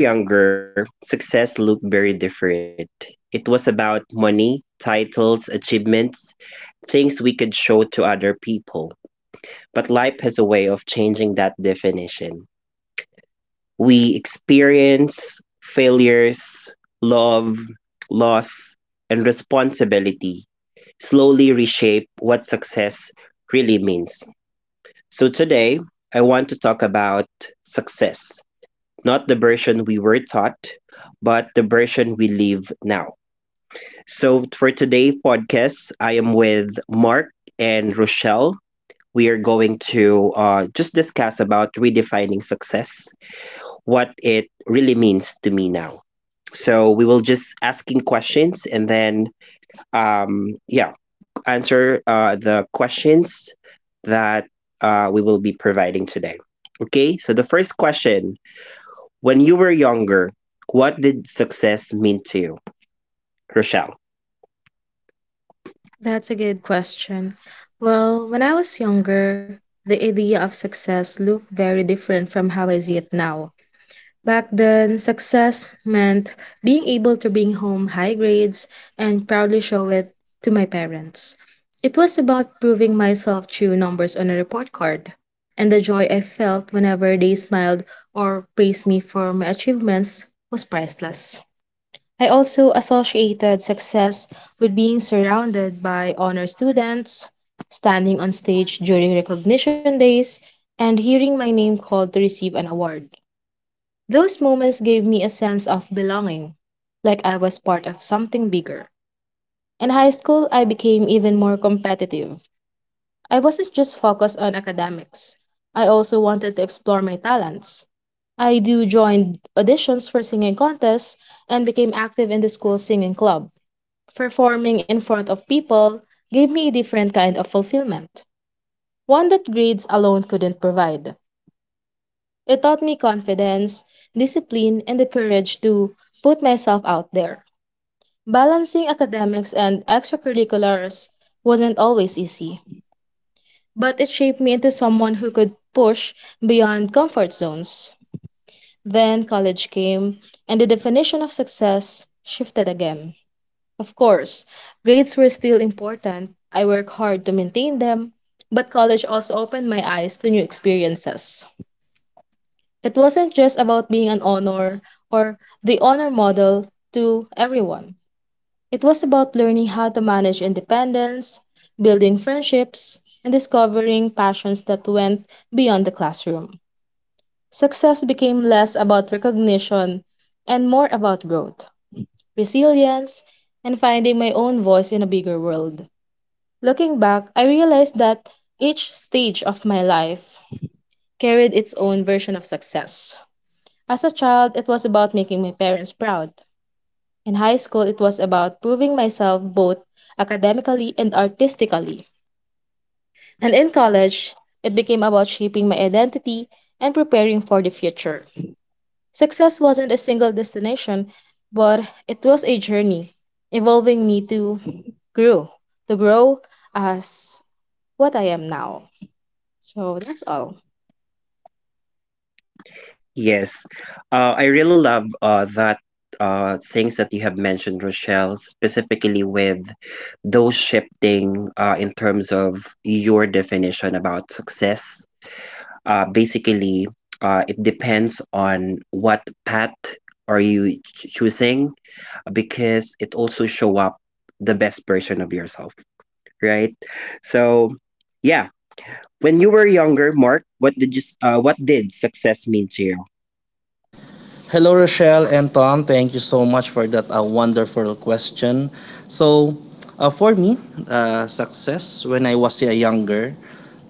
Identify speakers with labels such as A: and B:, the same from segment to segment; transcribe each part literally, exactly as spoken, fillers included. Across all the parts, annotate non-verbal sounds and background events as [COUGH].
A: When we were younger, success looked very different. It was about money, titles, achievements, things we could show to other people. But life has a way of changing that definition. We experience failures, love, loss, and responsibility slowly reshape what success really means. So today, I want to talk about success, not the version we were taught, but the version we live now. So for today podcast, I am with Mark and Rochelle. We are going to uh, just discuss about redefining success, what it really means to me now. So we will just asking questions, and then um, yeah, answer uh, the questions that uh, we will be providing today. Okay, so the first question, when you were younger, what did success mean to you, Rochelle?
B: That's a good question. Well, when I was younger, the idea of success looked very different from how I see it now. Back then, success meant being able to bring home high grades and proudly show it to my parents. It was about proving myself through numbers on a report card, and the joy I felt whenever they smiled or praised me for my achievements was priceless. I also associated success with being surrounded by honor students, standing on stage during recognition days, and hearing my name called to receive an award. Those moments gave me a sense of belonging, like I was part of something bigger. In high school, I became even more competitive. I wasn't just focused on academics, I also wanted to explore my talents. I do joined auditions for singing contests and became active in the school singing club. Performing in front of people gave me a different kind of fulfillment, one that grades alone couldn't provide. It taught me confidence, discipline, and the courage to put myself out there. Balancing academics and extracurriculars wasn't always easy, but it shaped me into someone who could push beyond comfort zones. Then college came, and the definition of success shifted again. Of course, grades were still important. I worked hard to maintain them, but college also opened my eyes to new experiences. It wasn't just about being an honor or the honor model to everyone. It was about learning how to manage independence, building friendships, and discovering passions that went beyond the classroom. Success became less about recognition and more about growth, resilience, and finding my own voice in a bigger world. Looking back, I realized that each stage of my life carried its own version of success. As a child, it was about making my parents proud. In high school, it was about proving myself both academically and artistically. And in college, it became about shaping my identity and preparing for the future. Success wasn't a single destination, but it was a journey involving me to grow, to grow as what I am now. So that's all.
A: Yes, uh, I really love uh, that uh, things that you have mentioned, Rochelle, specifically with those shifting uh, in terms of your definition about success. Uh, basically, uh, it depends on what path are you ch- choosing, because it also show up the best version of yourself, right? So, yeah, when you were younger, Mark, what did you s- uh, what did success mean to you?
C: Hello, Rochelle and Tom. Thank you so much for that uh, wonderful question. So, uh, for me, uh, success when I was a younger.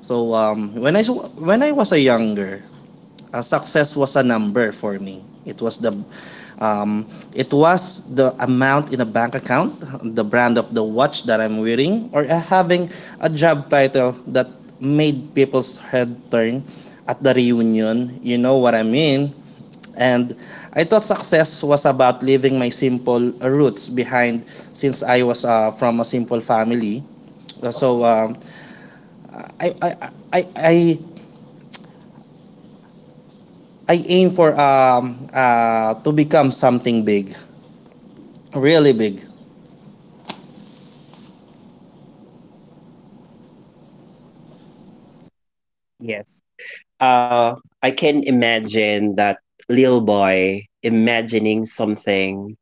C: So, um, when I s- when I was a younger, uh, success was a number for me. It was the um, it was the amount in a bank account, the brand of the watch that I'm wearing, or uh, having a job title that made people's head turn at the reunion. You know what I mean? And I thought success was about leaving my simple roots behind since I was uh, from a simple family. Uh, So um, I, I, I, I, I aim for um, uh, to become something big, really big.
A: Yes. Uh, I can imagine that little boy imagining something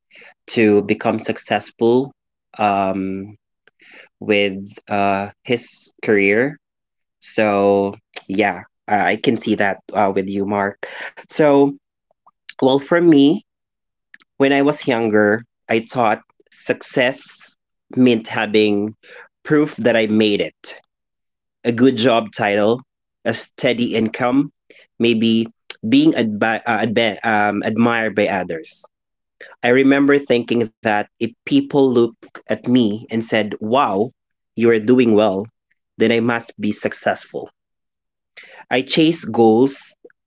A: to become successful um, with uh, his career. So, [TSK] yeah, I I can see that uh, with you, Mark. So, well, for me, when I was younger, I thought success meant having proof that I made it. A good job title, a steady income, maybe being adbi- uh, adbe- um, admired by others. I remember thinking that if people looked at me and said, "Wow, you are doing well," then I must be successful. I chased goals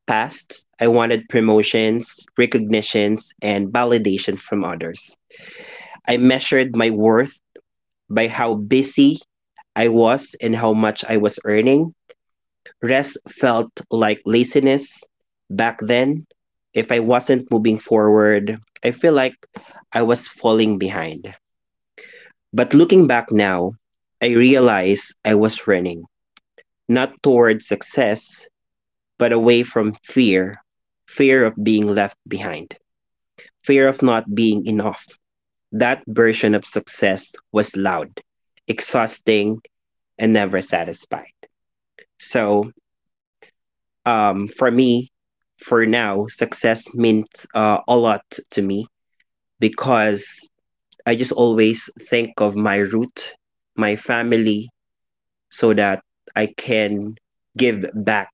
A: past. I wanted promotions, recognitions, and validation from others. I measured my worth by how busy I was and how much I was earning. Rest felt like laziness back then. If I wasn't moving forward, I feel like I was falling behind. But looking back now, I realize I was running not towards success, but away from fear, fear of being left behind, fear of not being enough. That version of success was loud, exhausting, and never satisfied. So um for me, for now, success means uh, a lot to me, because I just always think of my root, my family, so that I can give back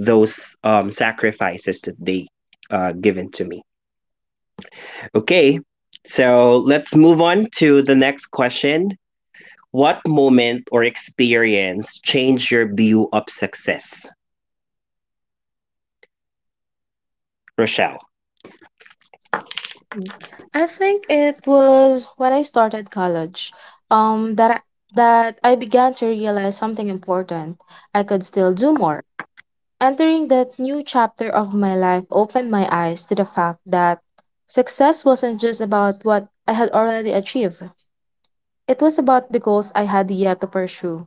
A: those um, sacrifices that they uh, given to me. Okay, so let's move on to the next question. What moment or experience changed your view of success, Rochelle?
B: Mm. I think it was when I started college, um, that I- that I began to realize something important. I could still do more. Entering that new chapter of my life opened my eyes to the fact that success wasn't just about what I had already achieved, it was about the goals I had yet to pursue.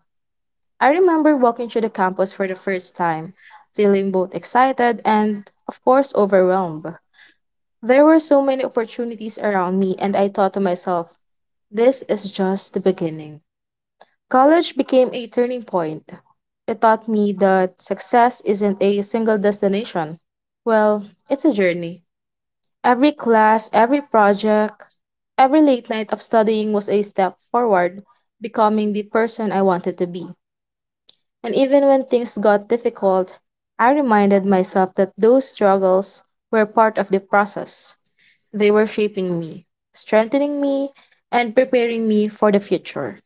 B: I remember walking through the campus for the first time, feeling both excited and, of course, overwhelmed. There were so many opportunities around me, and I thought to myself, this is just the beginning. College became a turning point. It taught me that success isn't a single destination. Well, it's a journey. Every class, every project, every late night of studying was a step forward, becoming the person I wanted to be. And even when things got difficult, I reminded myself that those struggles were part of the process. They were shaping me, strengthening me, and preparing me for the future.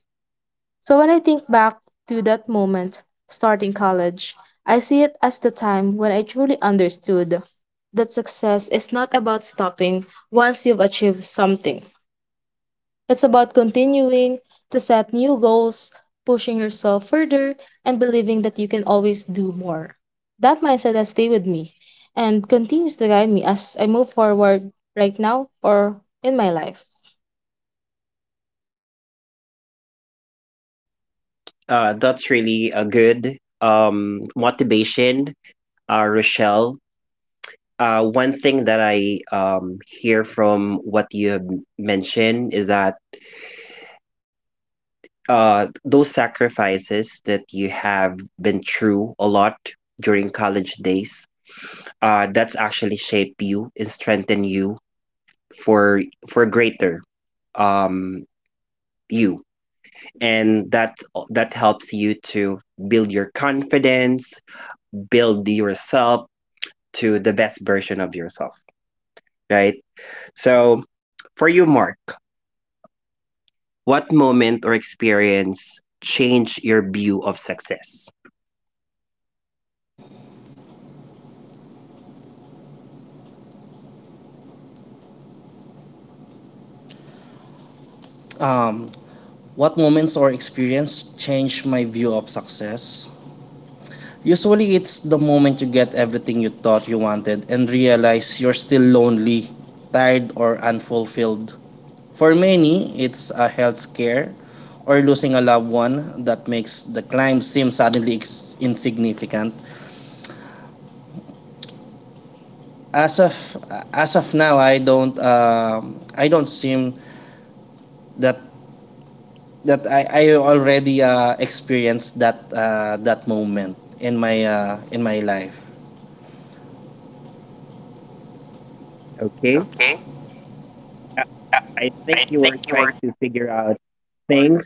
B: So when I think back to that moment, starting college, I see it as the time when I truly understood that success is not about stopping once you've achieved something. It's about continuing to set new goals, pushing yourself further, and believing that you can always do more. That mindset has stayed with me and continues to guide me as I move forward right now or in my life.
A: Uh, that's really a good um, motivation, uh, Rochelle. Uh, one thing that I um, hear from what you have mentioned is that uh, those sacrifices that you have been through a lot during college days, uh, that's actually shaped you and strengthen you for for a greater um, you, and that that helps you to build your confidence, build yourself to the best version of yourself, right? So, for you, Mark, what moment or experience changed your view of success?
C: Um, what moments or experience changed my view of success? Usually it's the moment you get everything you thought you wanted and realize you're still lonely, tired, or unfulfilled. For many, it's a health scare, or losing a loved one that makes the climb seem suddenly ex- insignificant. As of as of now, I don't um I don't seem that that I, I already uh, experienced that uh, that moment in my uh, in my life.
A: Okay.
C: Okay.
A: I
C: Uh,
A: I think
C: I
A: you were
C: think you
A: trying
C: were.
A: to figure out things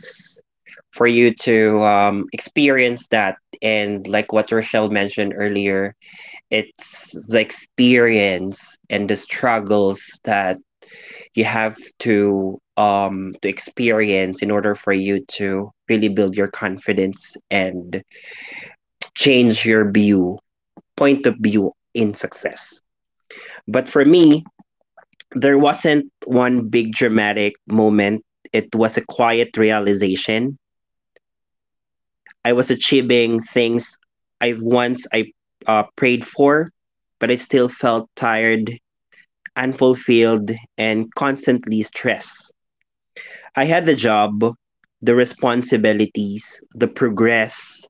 A: for you to um, experience that. And like what Rochelle mentioned earlier, it's the experience and the struggles that you have to um to experience in order for you to really build your confidence and change your view point of view in success. But for me, there wasn't one big dramatic moment, it was a quiet realization. I was achieving things i once i uh, prayed for, but I still felt tired and fulfilled and constantly stressed. I had the job, the responsibilities, the progress,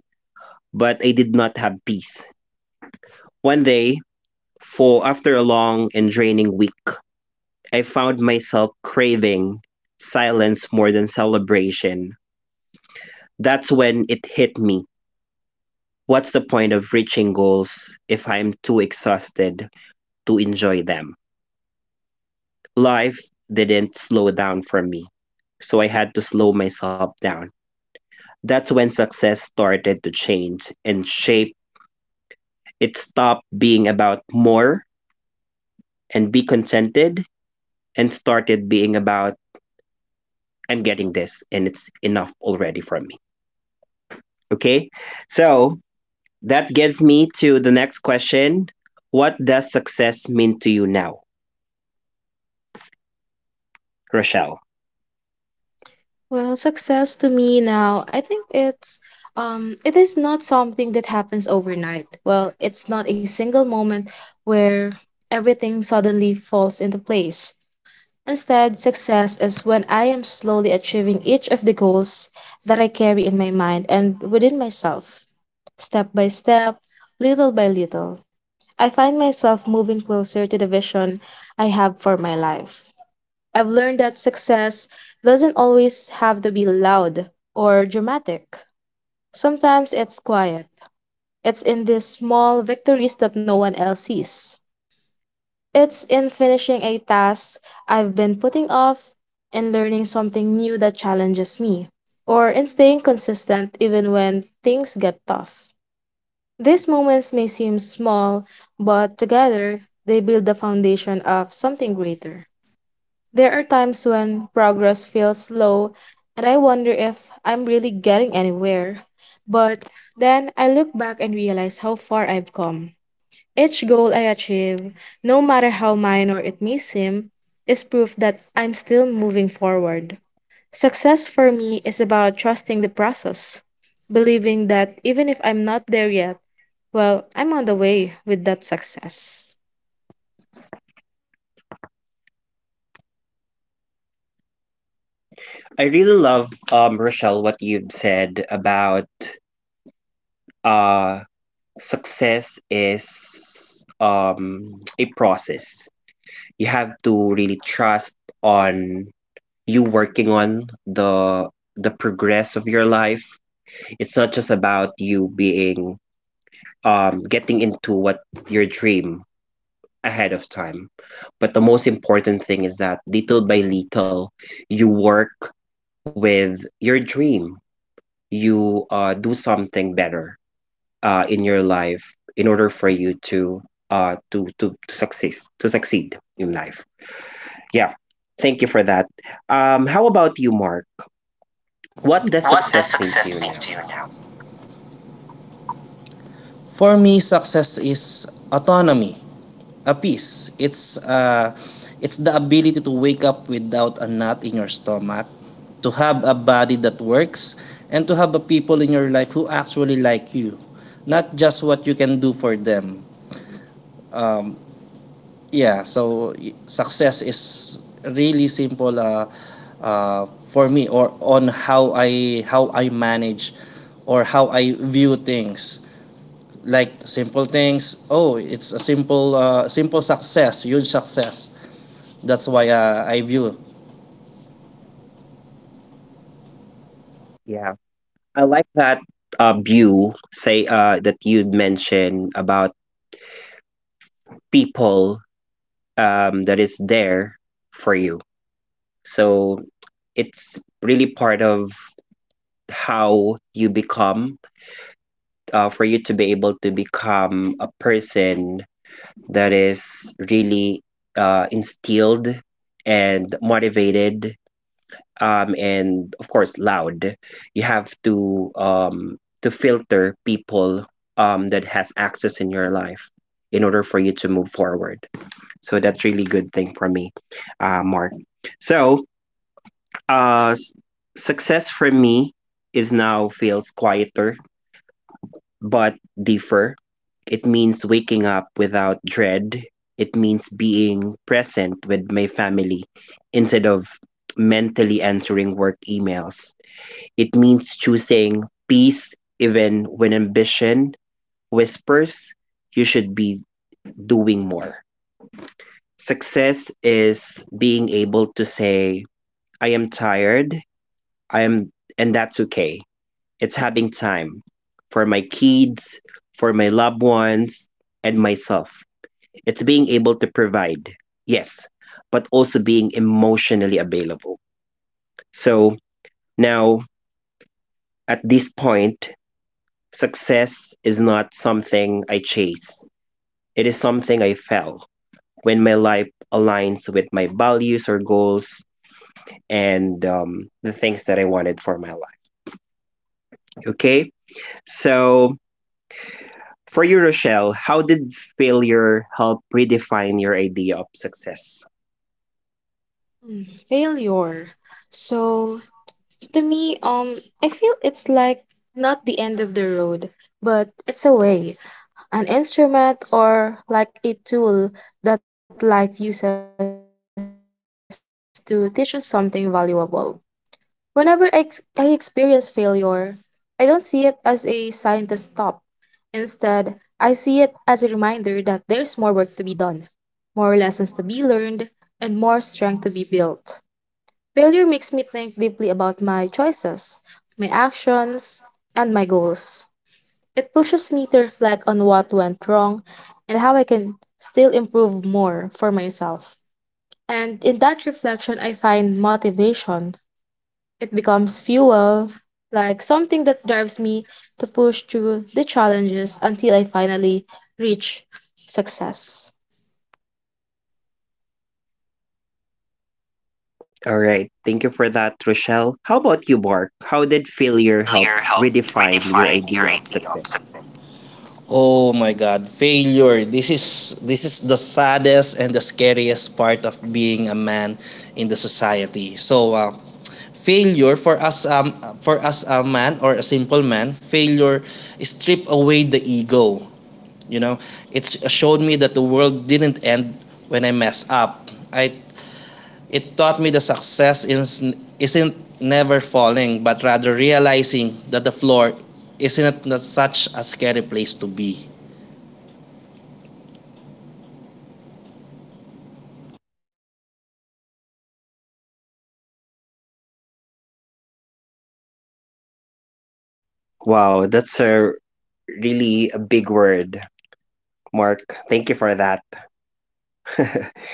A: but I did not have peace. One day, for after a long and draining week, I found myself craving silence more than celebration. That's when it hit me. What's the point of reaching goals if I'm too exhausted to enjoy them? Life didn't slow down for me, so I had to slow myself down. That's when success started to change and shape. It stopped being about more and be contented, and started being about I'm getting this and it's enough already from me. Okay? So that gives me to the next question. What does success mean to you now, Rochelle?
B: Well, success to me now, I think it's um it is not something that happens overnight. Well, it's not a single moment where everything suddenly falls into place. Instead, success is when I am slowly achieving each of the goals that I carry in my mind and within myself, step by step, little by little. I find myself moving closer to the vision I have for my life. I've learned that success doesn't always have to be loud or dramatic. Sometimes it's quiet. It's in these small victories that no one else sees. It's in finishing a task I've been putting off, in learning something new that challenges me, or in staying consistent even when things get tough. These moments may seem small, but together they build the foundation of something greater. There are times when progress feels slow and I wonder if I'm really getting anywhere. But then I look back and realize how far I've come. Each goal I achieve, no matter how minor it may seem, is proof that I'm still moving forward. Success for me is about trusting the process, believing that even if I'm not there yet, well, I'm on the way with that success.
A: I really love um Rochelle, what you've said about uh success is um a process. You have to really trust on you working on the the progress of your life. It's not just about you being um getting into what your dream ahead of time, but the most important thing is that little by little you work with your dream, you uh do something better uh in your life in order for you to uh to to to succeed, to succeed in life. Yeah. Thank you for that. Um, how about you, Mark? What does
C: What
A: success
C: does
A: mean to you
C: success mean
A: now?
C: to you now? For me, success is autonomy, a peace. It's uh, it's the ability to wake up without a knot in your stomach, to have a body that works, and to have a people in your life who actually like you, not just what you can do for them. Um, yeah, so success is really simple uh, uh, for me, or on how I how I manage, or how I view things. Like simple things. Oh, it's a simple uh, simple success, huge success. That's why uh, I view
A: Yeah, I like that uh, view say uh, that you mentioned about people um, that is there for you. So it's really part of how you become uh, for you to be able to become a person that is really uh, instilled and motivated, um, and of course loud, you have to um, to filter people um, that has access in your life in order for you to move forward. So that's really good thing for me, uh, Mark. So uh, s- success for me is now feels quieter, but differ. It means waking up without dread. It means being present with my family instead of mentally answering work emails. It means choosing peace even when ambition whispers you should be doing more. Success is being able to say, "I am tired, I am," and that's okay. It's having time for my kids, for my loved ones, and myself. It's being able to provide, yes, but also being emotionally available. So now, at this point, success is not something I chase, it is something I felt when my life aligns with my values or goals and um, the things that I wanted for my life. Okay. So for you, Rochelle, how did failure help redefine your idea of success?
B: Hmm. Failure. So, to me, um, I feel it's like not the end of the road, but it's a way, an instrument, or like a tool that life uses to teach us something valuable. Whenever I, ex- I experience failure, I don't see it as a sign to stop. Instead, I see it as a reminder that there's more work to be done, more lessons to be learned, and more strength to be built. Failure makes me think deeply about my choices, my actions, and my goals. It pushes me to reflect on what went wrong and how I can still improve more for myself. And in that reflection, I find motivation. It becomes fuel, like something that drives me to push through the challenges until I finally reach success.
A: All right. Thank you for that, Rochelle. How about you, Mark? How did failure help
C: failure helped
A: redefine your
C: redefine your
A: idea of
C: idea of
A: success?
C: success. Oh my god, failure. This is this is the saddest and the scariest part of being a man in the society. So uh, failure for us, um for us a man or a simple man, failure strip away the ego, you know. It's showed me that the world didn't end when I mess up. I It taught me the success is, isn't never falling but rather realizing that the floor isn't not such a scary place to be.
A: Wow, that's a really a big word, Mark. Thank you for that. [LAUGHS]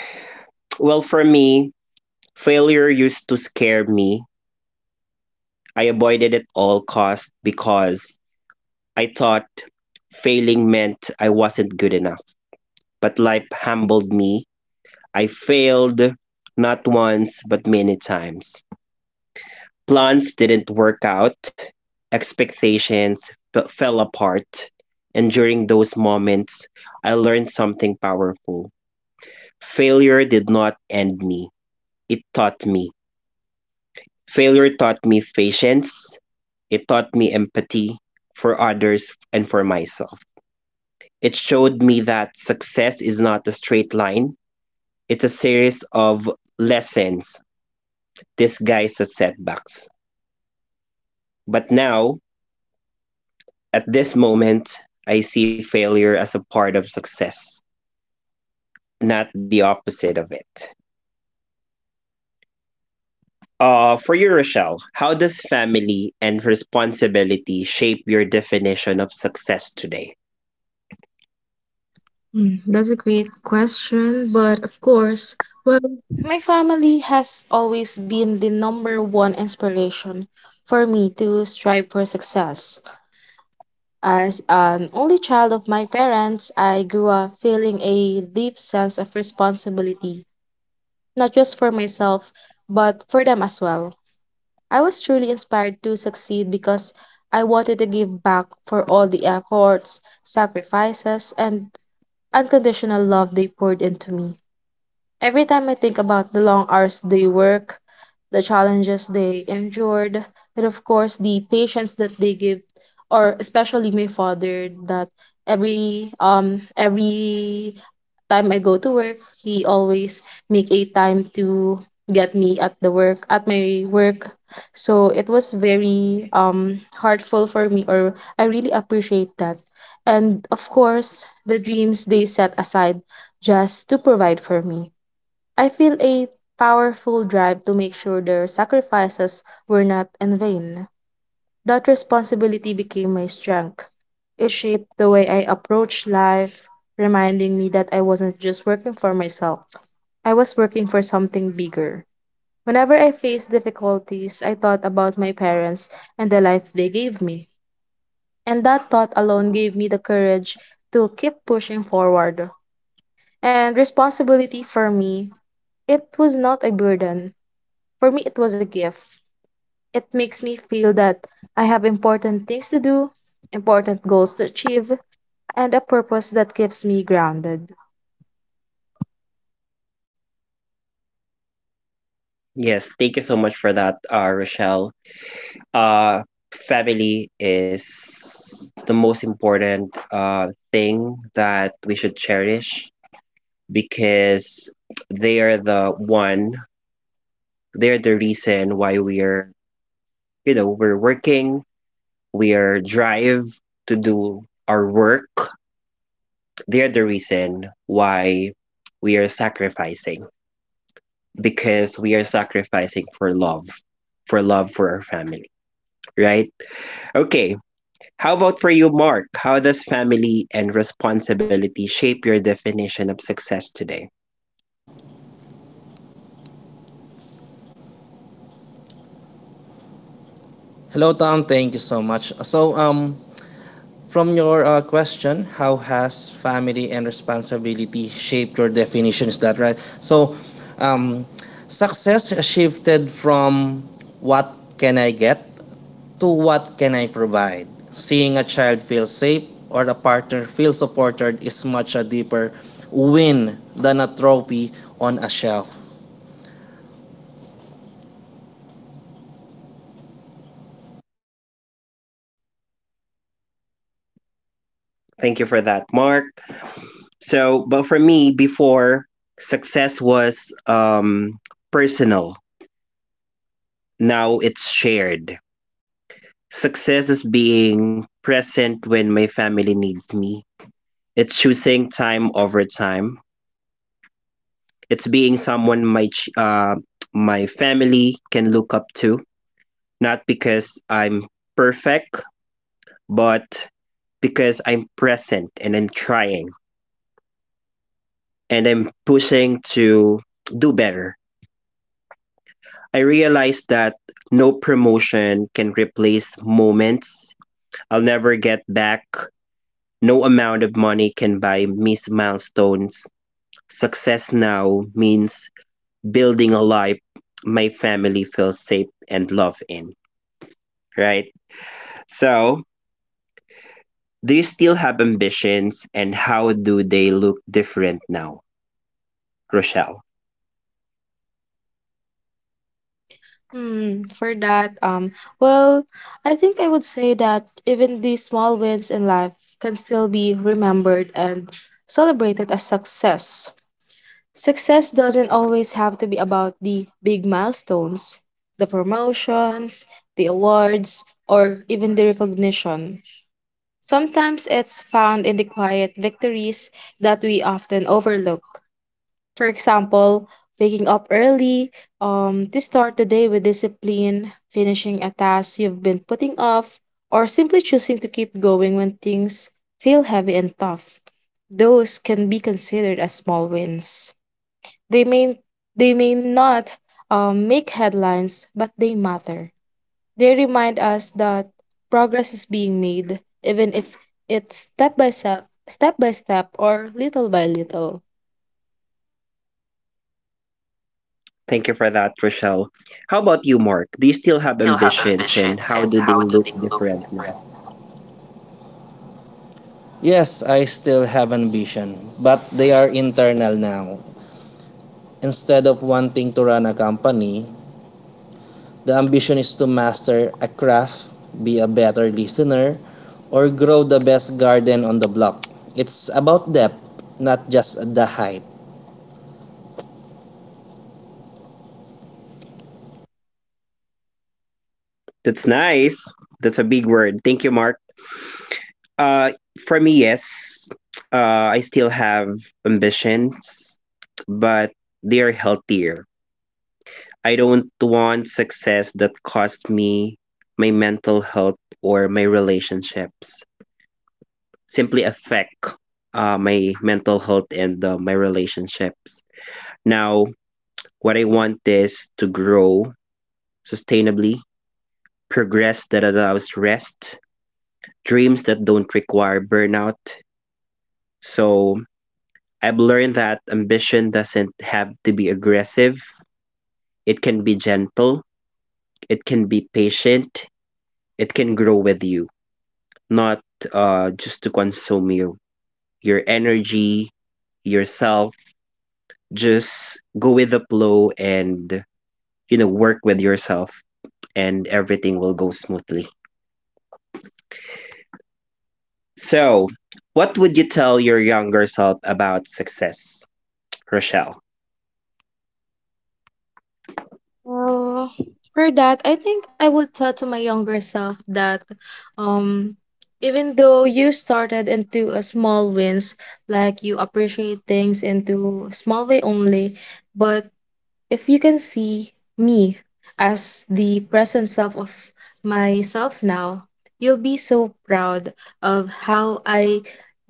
A: Well, for me, failure used to scare me. I avoided it all cost because I thought failing meant I wasn't good enough. But life humbled me. I failed not once but many times. Plans didn't work out. Expectations f- fell apart. And during those moments, I learned something powerful. Failure did not end me. It taught me. Failure taught me patience. It taught me empathy for others and for myself. It showed me that success is not a straight line, it's a series of lessons disguised as setbacks. But now, at this moment, I see failure as a part of success, not the opposite of it. Uh, for you, Rochelle, how does family and responsibility shape your definition of success today?
B: Mm, that's a great question, but of course, well, my family has always been the number one inspiration for me to strive for success. As an only child of my parents, I grew up feeling a deep sense of responsibility, not just for myself, but for them as well. I was truly inspired to succeed because I wanted to give back for all the efforts, sacrifices, and unconditional love they poured into me. Every time I think about the long hours they work, the challenges they endured, and of course the patience that they give, or especially my father, that every um every time I go to work, he always make a time to get me at the work at my work. So it was very um heartful for me or I really appreciate that. And of course the dreams they set aside just to provide for me. I feel a powerful drive to make sure their sacrifices were not in vain. That responsibility became my strength. It shaped the way I approached life, reminding me that I wasn't just working for myself, I was working for something bigger. Whenever I faced difficulties, I thought about my parents and the life they gave me. And that thought alone gave me the courage to keep pushing forward. And responsibility for me, it was not a burden. For me, it was a gift. It makes me feel that I have important things to do, important goals to achieve, and a purpose that keeps me grounded.
A: Yes, thank you so much for that, uh, Rochelle. uh Family is the most important uh thing that we should cherish, because they are the one, they're the reason why we're, you know, we're working, we're drive to do our work, they're the reason why we are sacrificing, because we are sacrificing for love, for love for our family, right? Okay, how about for you, Mark? How does family and responsibility shape your definition of success today?
C: Hello, Tom. Thank you so much. So, um, from your uh, question, how has family and responsibility shaped your definition? Is that right? So, um, success shifted from what can I get to what can I provide. Seeing a child feel safe or a partner feel supported is much a deeper win than a trophy on a shelf.
A: Thank you for that, Mark. So, but for me, before success was um, personal, now it's shared. Success is being present when my family needs me, it's choosing time over time, it's being someone my, ch- uh, my family can look up to, not because I'm perfect but because I'm present and I'm trying and I'm pushing to do better. I realized that no promotion can replace moments I'll never get back. No amount of money can buy missed milestones. Success now means building a life my family feels safe and loved in, right? So, do you still have ambitions, and how do they look different now, Rochelle?
B: Hmm, for that, um, well, I think I would say that even these small wins in life can still be remembered and celebrated as success. Success doesn't always have to be about the big milestones, the promotions, the awards, or even the recognition. Sometimes it's found in the quiet victories that we often overlook. For example, waking up early um, to start the day with discipline, finishing a task you've been putting off, or simply choosing to keep going when things feel heavy and tough. Those can be considered as small wins. They may, they may not um, make headlines, but they matter. They remind us that progress is being made, even if it's step by step, step by step, or little by little.
A: Thank you for that, Rochelle. How about you, Mark? Do you still
C: Do you
A: have
C: still have
A: ambitions, and
C: ambitions
A: how
C: and
A: do they
C: how do
A: look
C: they look
A: different now?
C: different? Yes, I still have ambition, but they are internal now. Instead of wanting to run a company, the ambition is to master a craft, be a better listener, or grow the best garden on the block. It's about depth, not just the height.
A: That's nice. That's a big word. Thank you, Mark. Uh, for me, yes, uh, I still have ambitions, but they are healthier. I don't want success that cost me my mental health or my relationships, simply affect uh, my mental health and uh, my relationships. Now, what I want is to grow sustainably, progress that allows rest, dreams that don't require burnout. So I've learned that ambition doesn't have to be aggressive, it can be gentle, it can be patient, it can grow with you, not uh, just to consume you, your energy, yourself. Just go with the flow, and, you know, work with yourself, and everything will go smoothly. So, what would you tell your younger self about success, Rochelle?
B: Well, for that, I think I would tell to my younger self that um even though you started into a small wins, like you appreciate things into small way only, but if you can see me as the present self of myself now, you'll be so proud of how I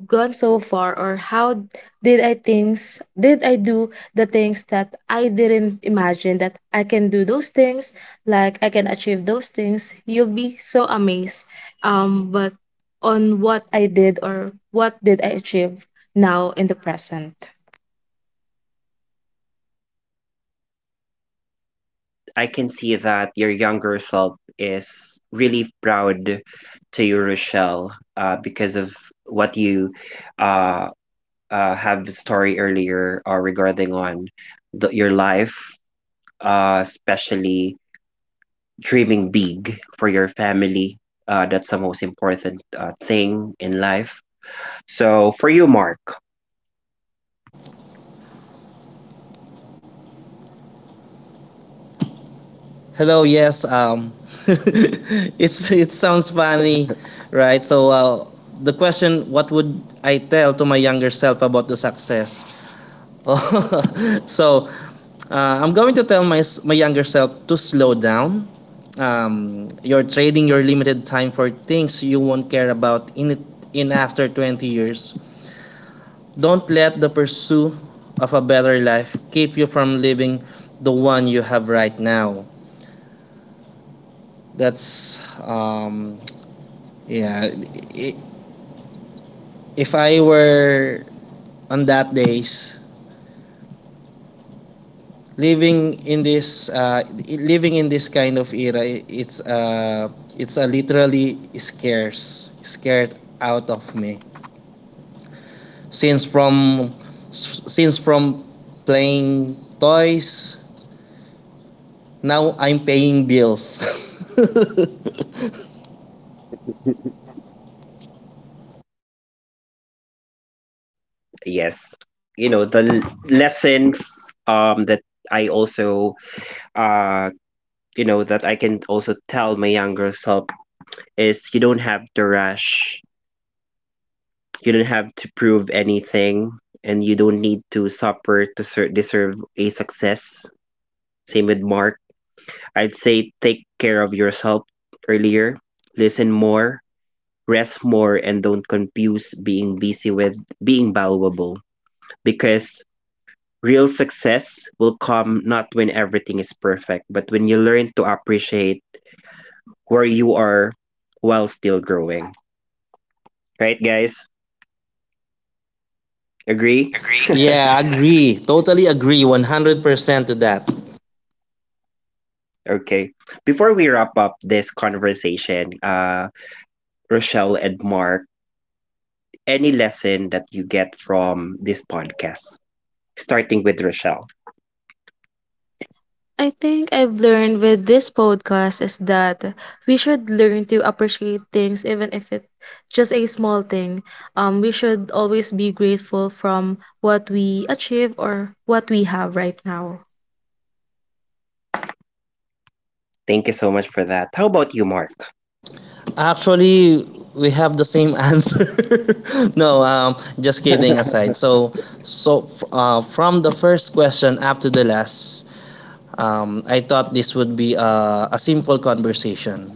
B: gone so far or how did I things did I do the things that I didn't imagine that I can do those things, like I can achieve those things. You'll be so amazed um but on what I did or what did I achieve now in the present.
A: I can see that your younger self is really proud to you, Rochelle, uh, because of what you uh, uh, have the story earlier uh, regarding on the, your life, uh, especially dreaming big for your family. Uh, that's the most important uh, thing in life. So for you, Mark,
C: Hello, yes, um, [LAUGHS] it's, it sounds funny, right? So uh, the question, what would I tell to my younger self about the success? [LAUGHS] So Uh, I'm going to tell my, my younger self to slow down. Um, you're trading your limited time for things you won't care about in it, in after twenty years. Don't let the pursuit of a better life keep you from living the one you have right now. That's um, yeah. If I were on that days, living in this uh, living in this kind of era, it's uh, it's a literally scares scared out of me since from since from playing toys, now I'm paying bills. [LAUGHS]
A: yes, you know the l- lesson f- um, that I also, uh, you know, that I can also tell my younger self is you don't have to rush. You don't have to prove anything, and you don't need to suffer to ser- deserve a success. Same with Mark. I'd say take care of yourself earlier, listen more, rest more, and don't confuse being busy with being valuable, because real success will come not when everything is perfect, but when you learn to appreciate where you are while still growing, right guys? Agree?
C: Agree? Yeah, agree, totally agree one hundred percent to that.
A: Okay, before we wrap up this conversation, uh Rochelle and Mark, any lesson that you get from this podcast, starting with Rochelle?
B: I think I've learned with this podcast is that we should learn to appreciate things even if it's just a small thing. Um we should always be grateful from what we achieve or what we have right now.
A: Thank you so much for that. How about you, Mark?
C: Actually, we have the same [LAUGHS] answer. No, um, just kidding aside. So, so f- uh, from the first question up to the last, um, I thought this would be a, a simple conversation.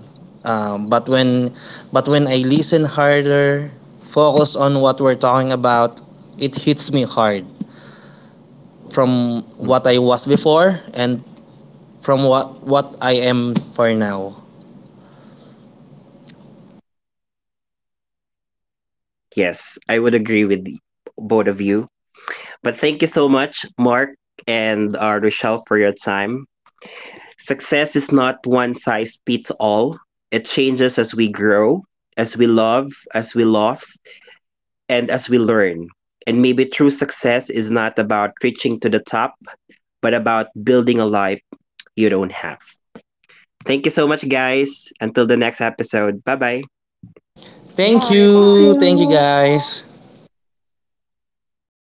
C: Um, but when, but when I listen harder, focus on what we're talking about, it hits me hard from what I
A: Mhm.
C: was before and from what what I am for now.
A: Yes, I would agree with y- both of you. But thank you so much, Mark and uh, Rochelle, for your time. Success is not one size fits all, it changes as we grow, as we love, as we lose, and as we learn. And maybe true success is not about reaching to the top, but about building a life you don't have. Thank you so much, guys. Until the next episode. Bye bye.
B: Thank
C: Thank
B: Bye. You. Thank
C: you, thank you
B: you.
C: guys.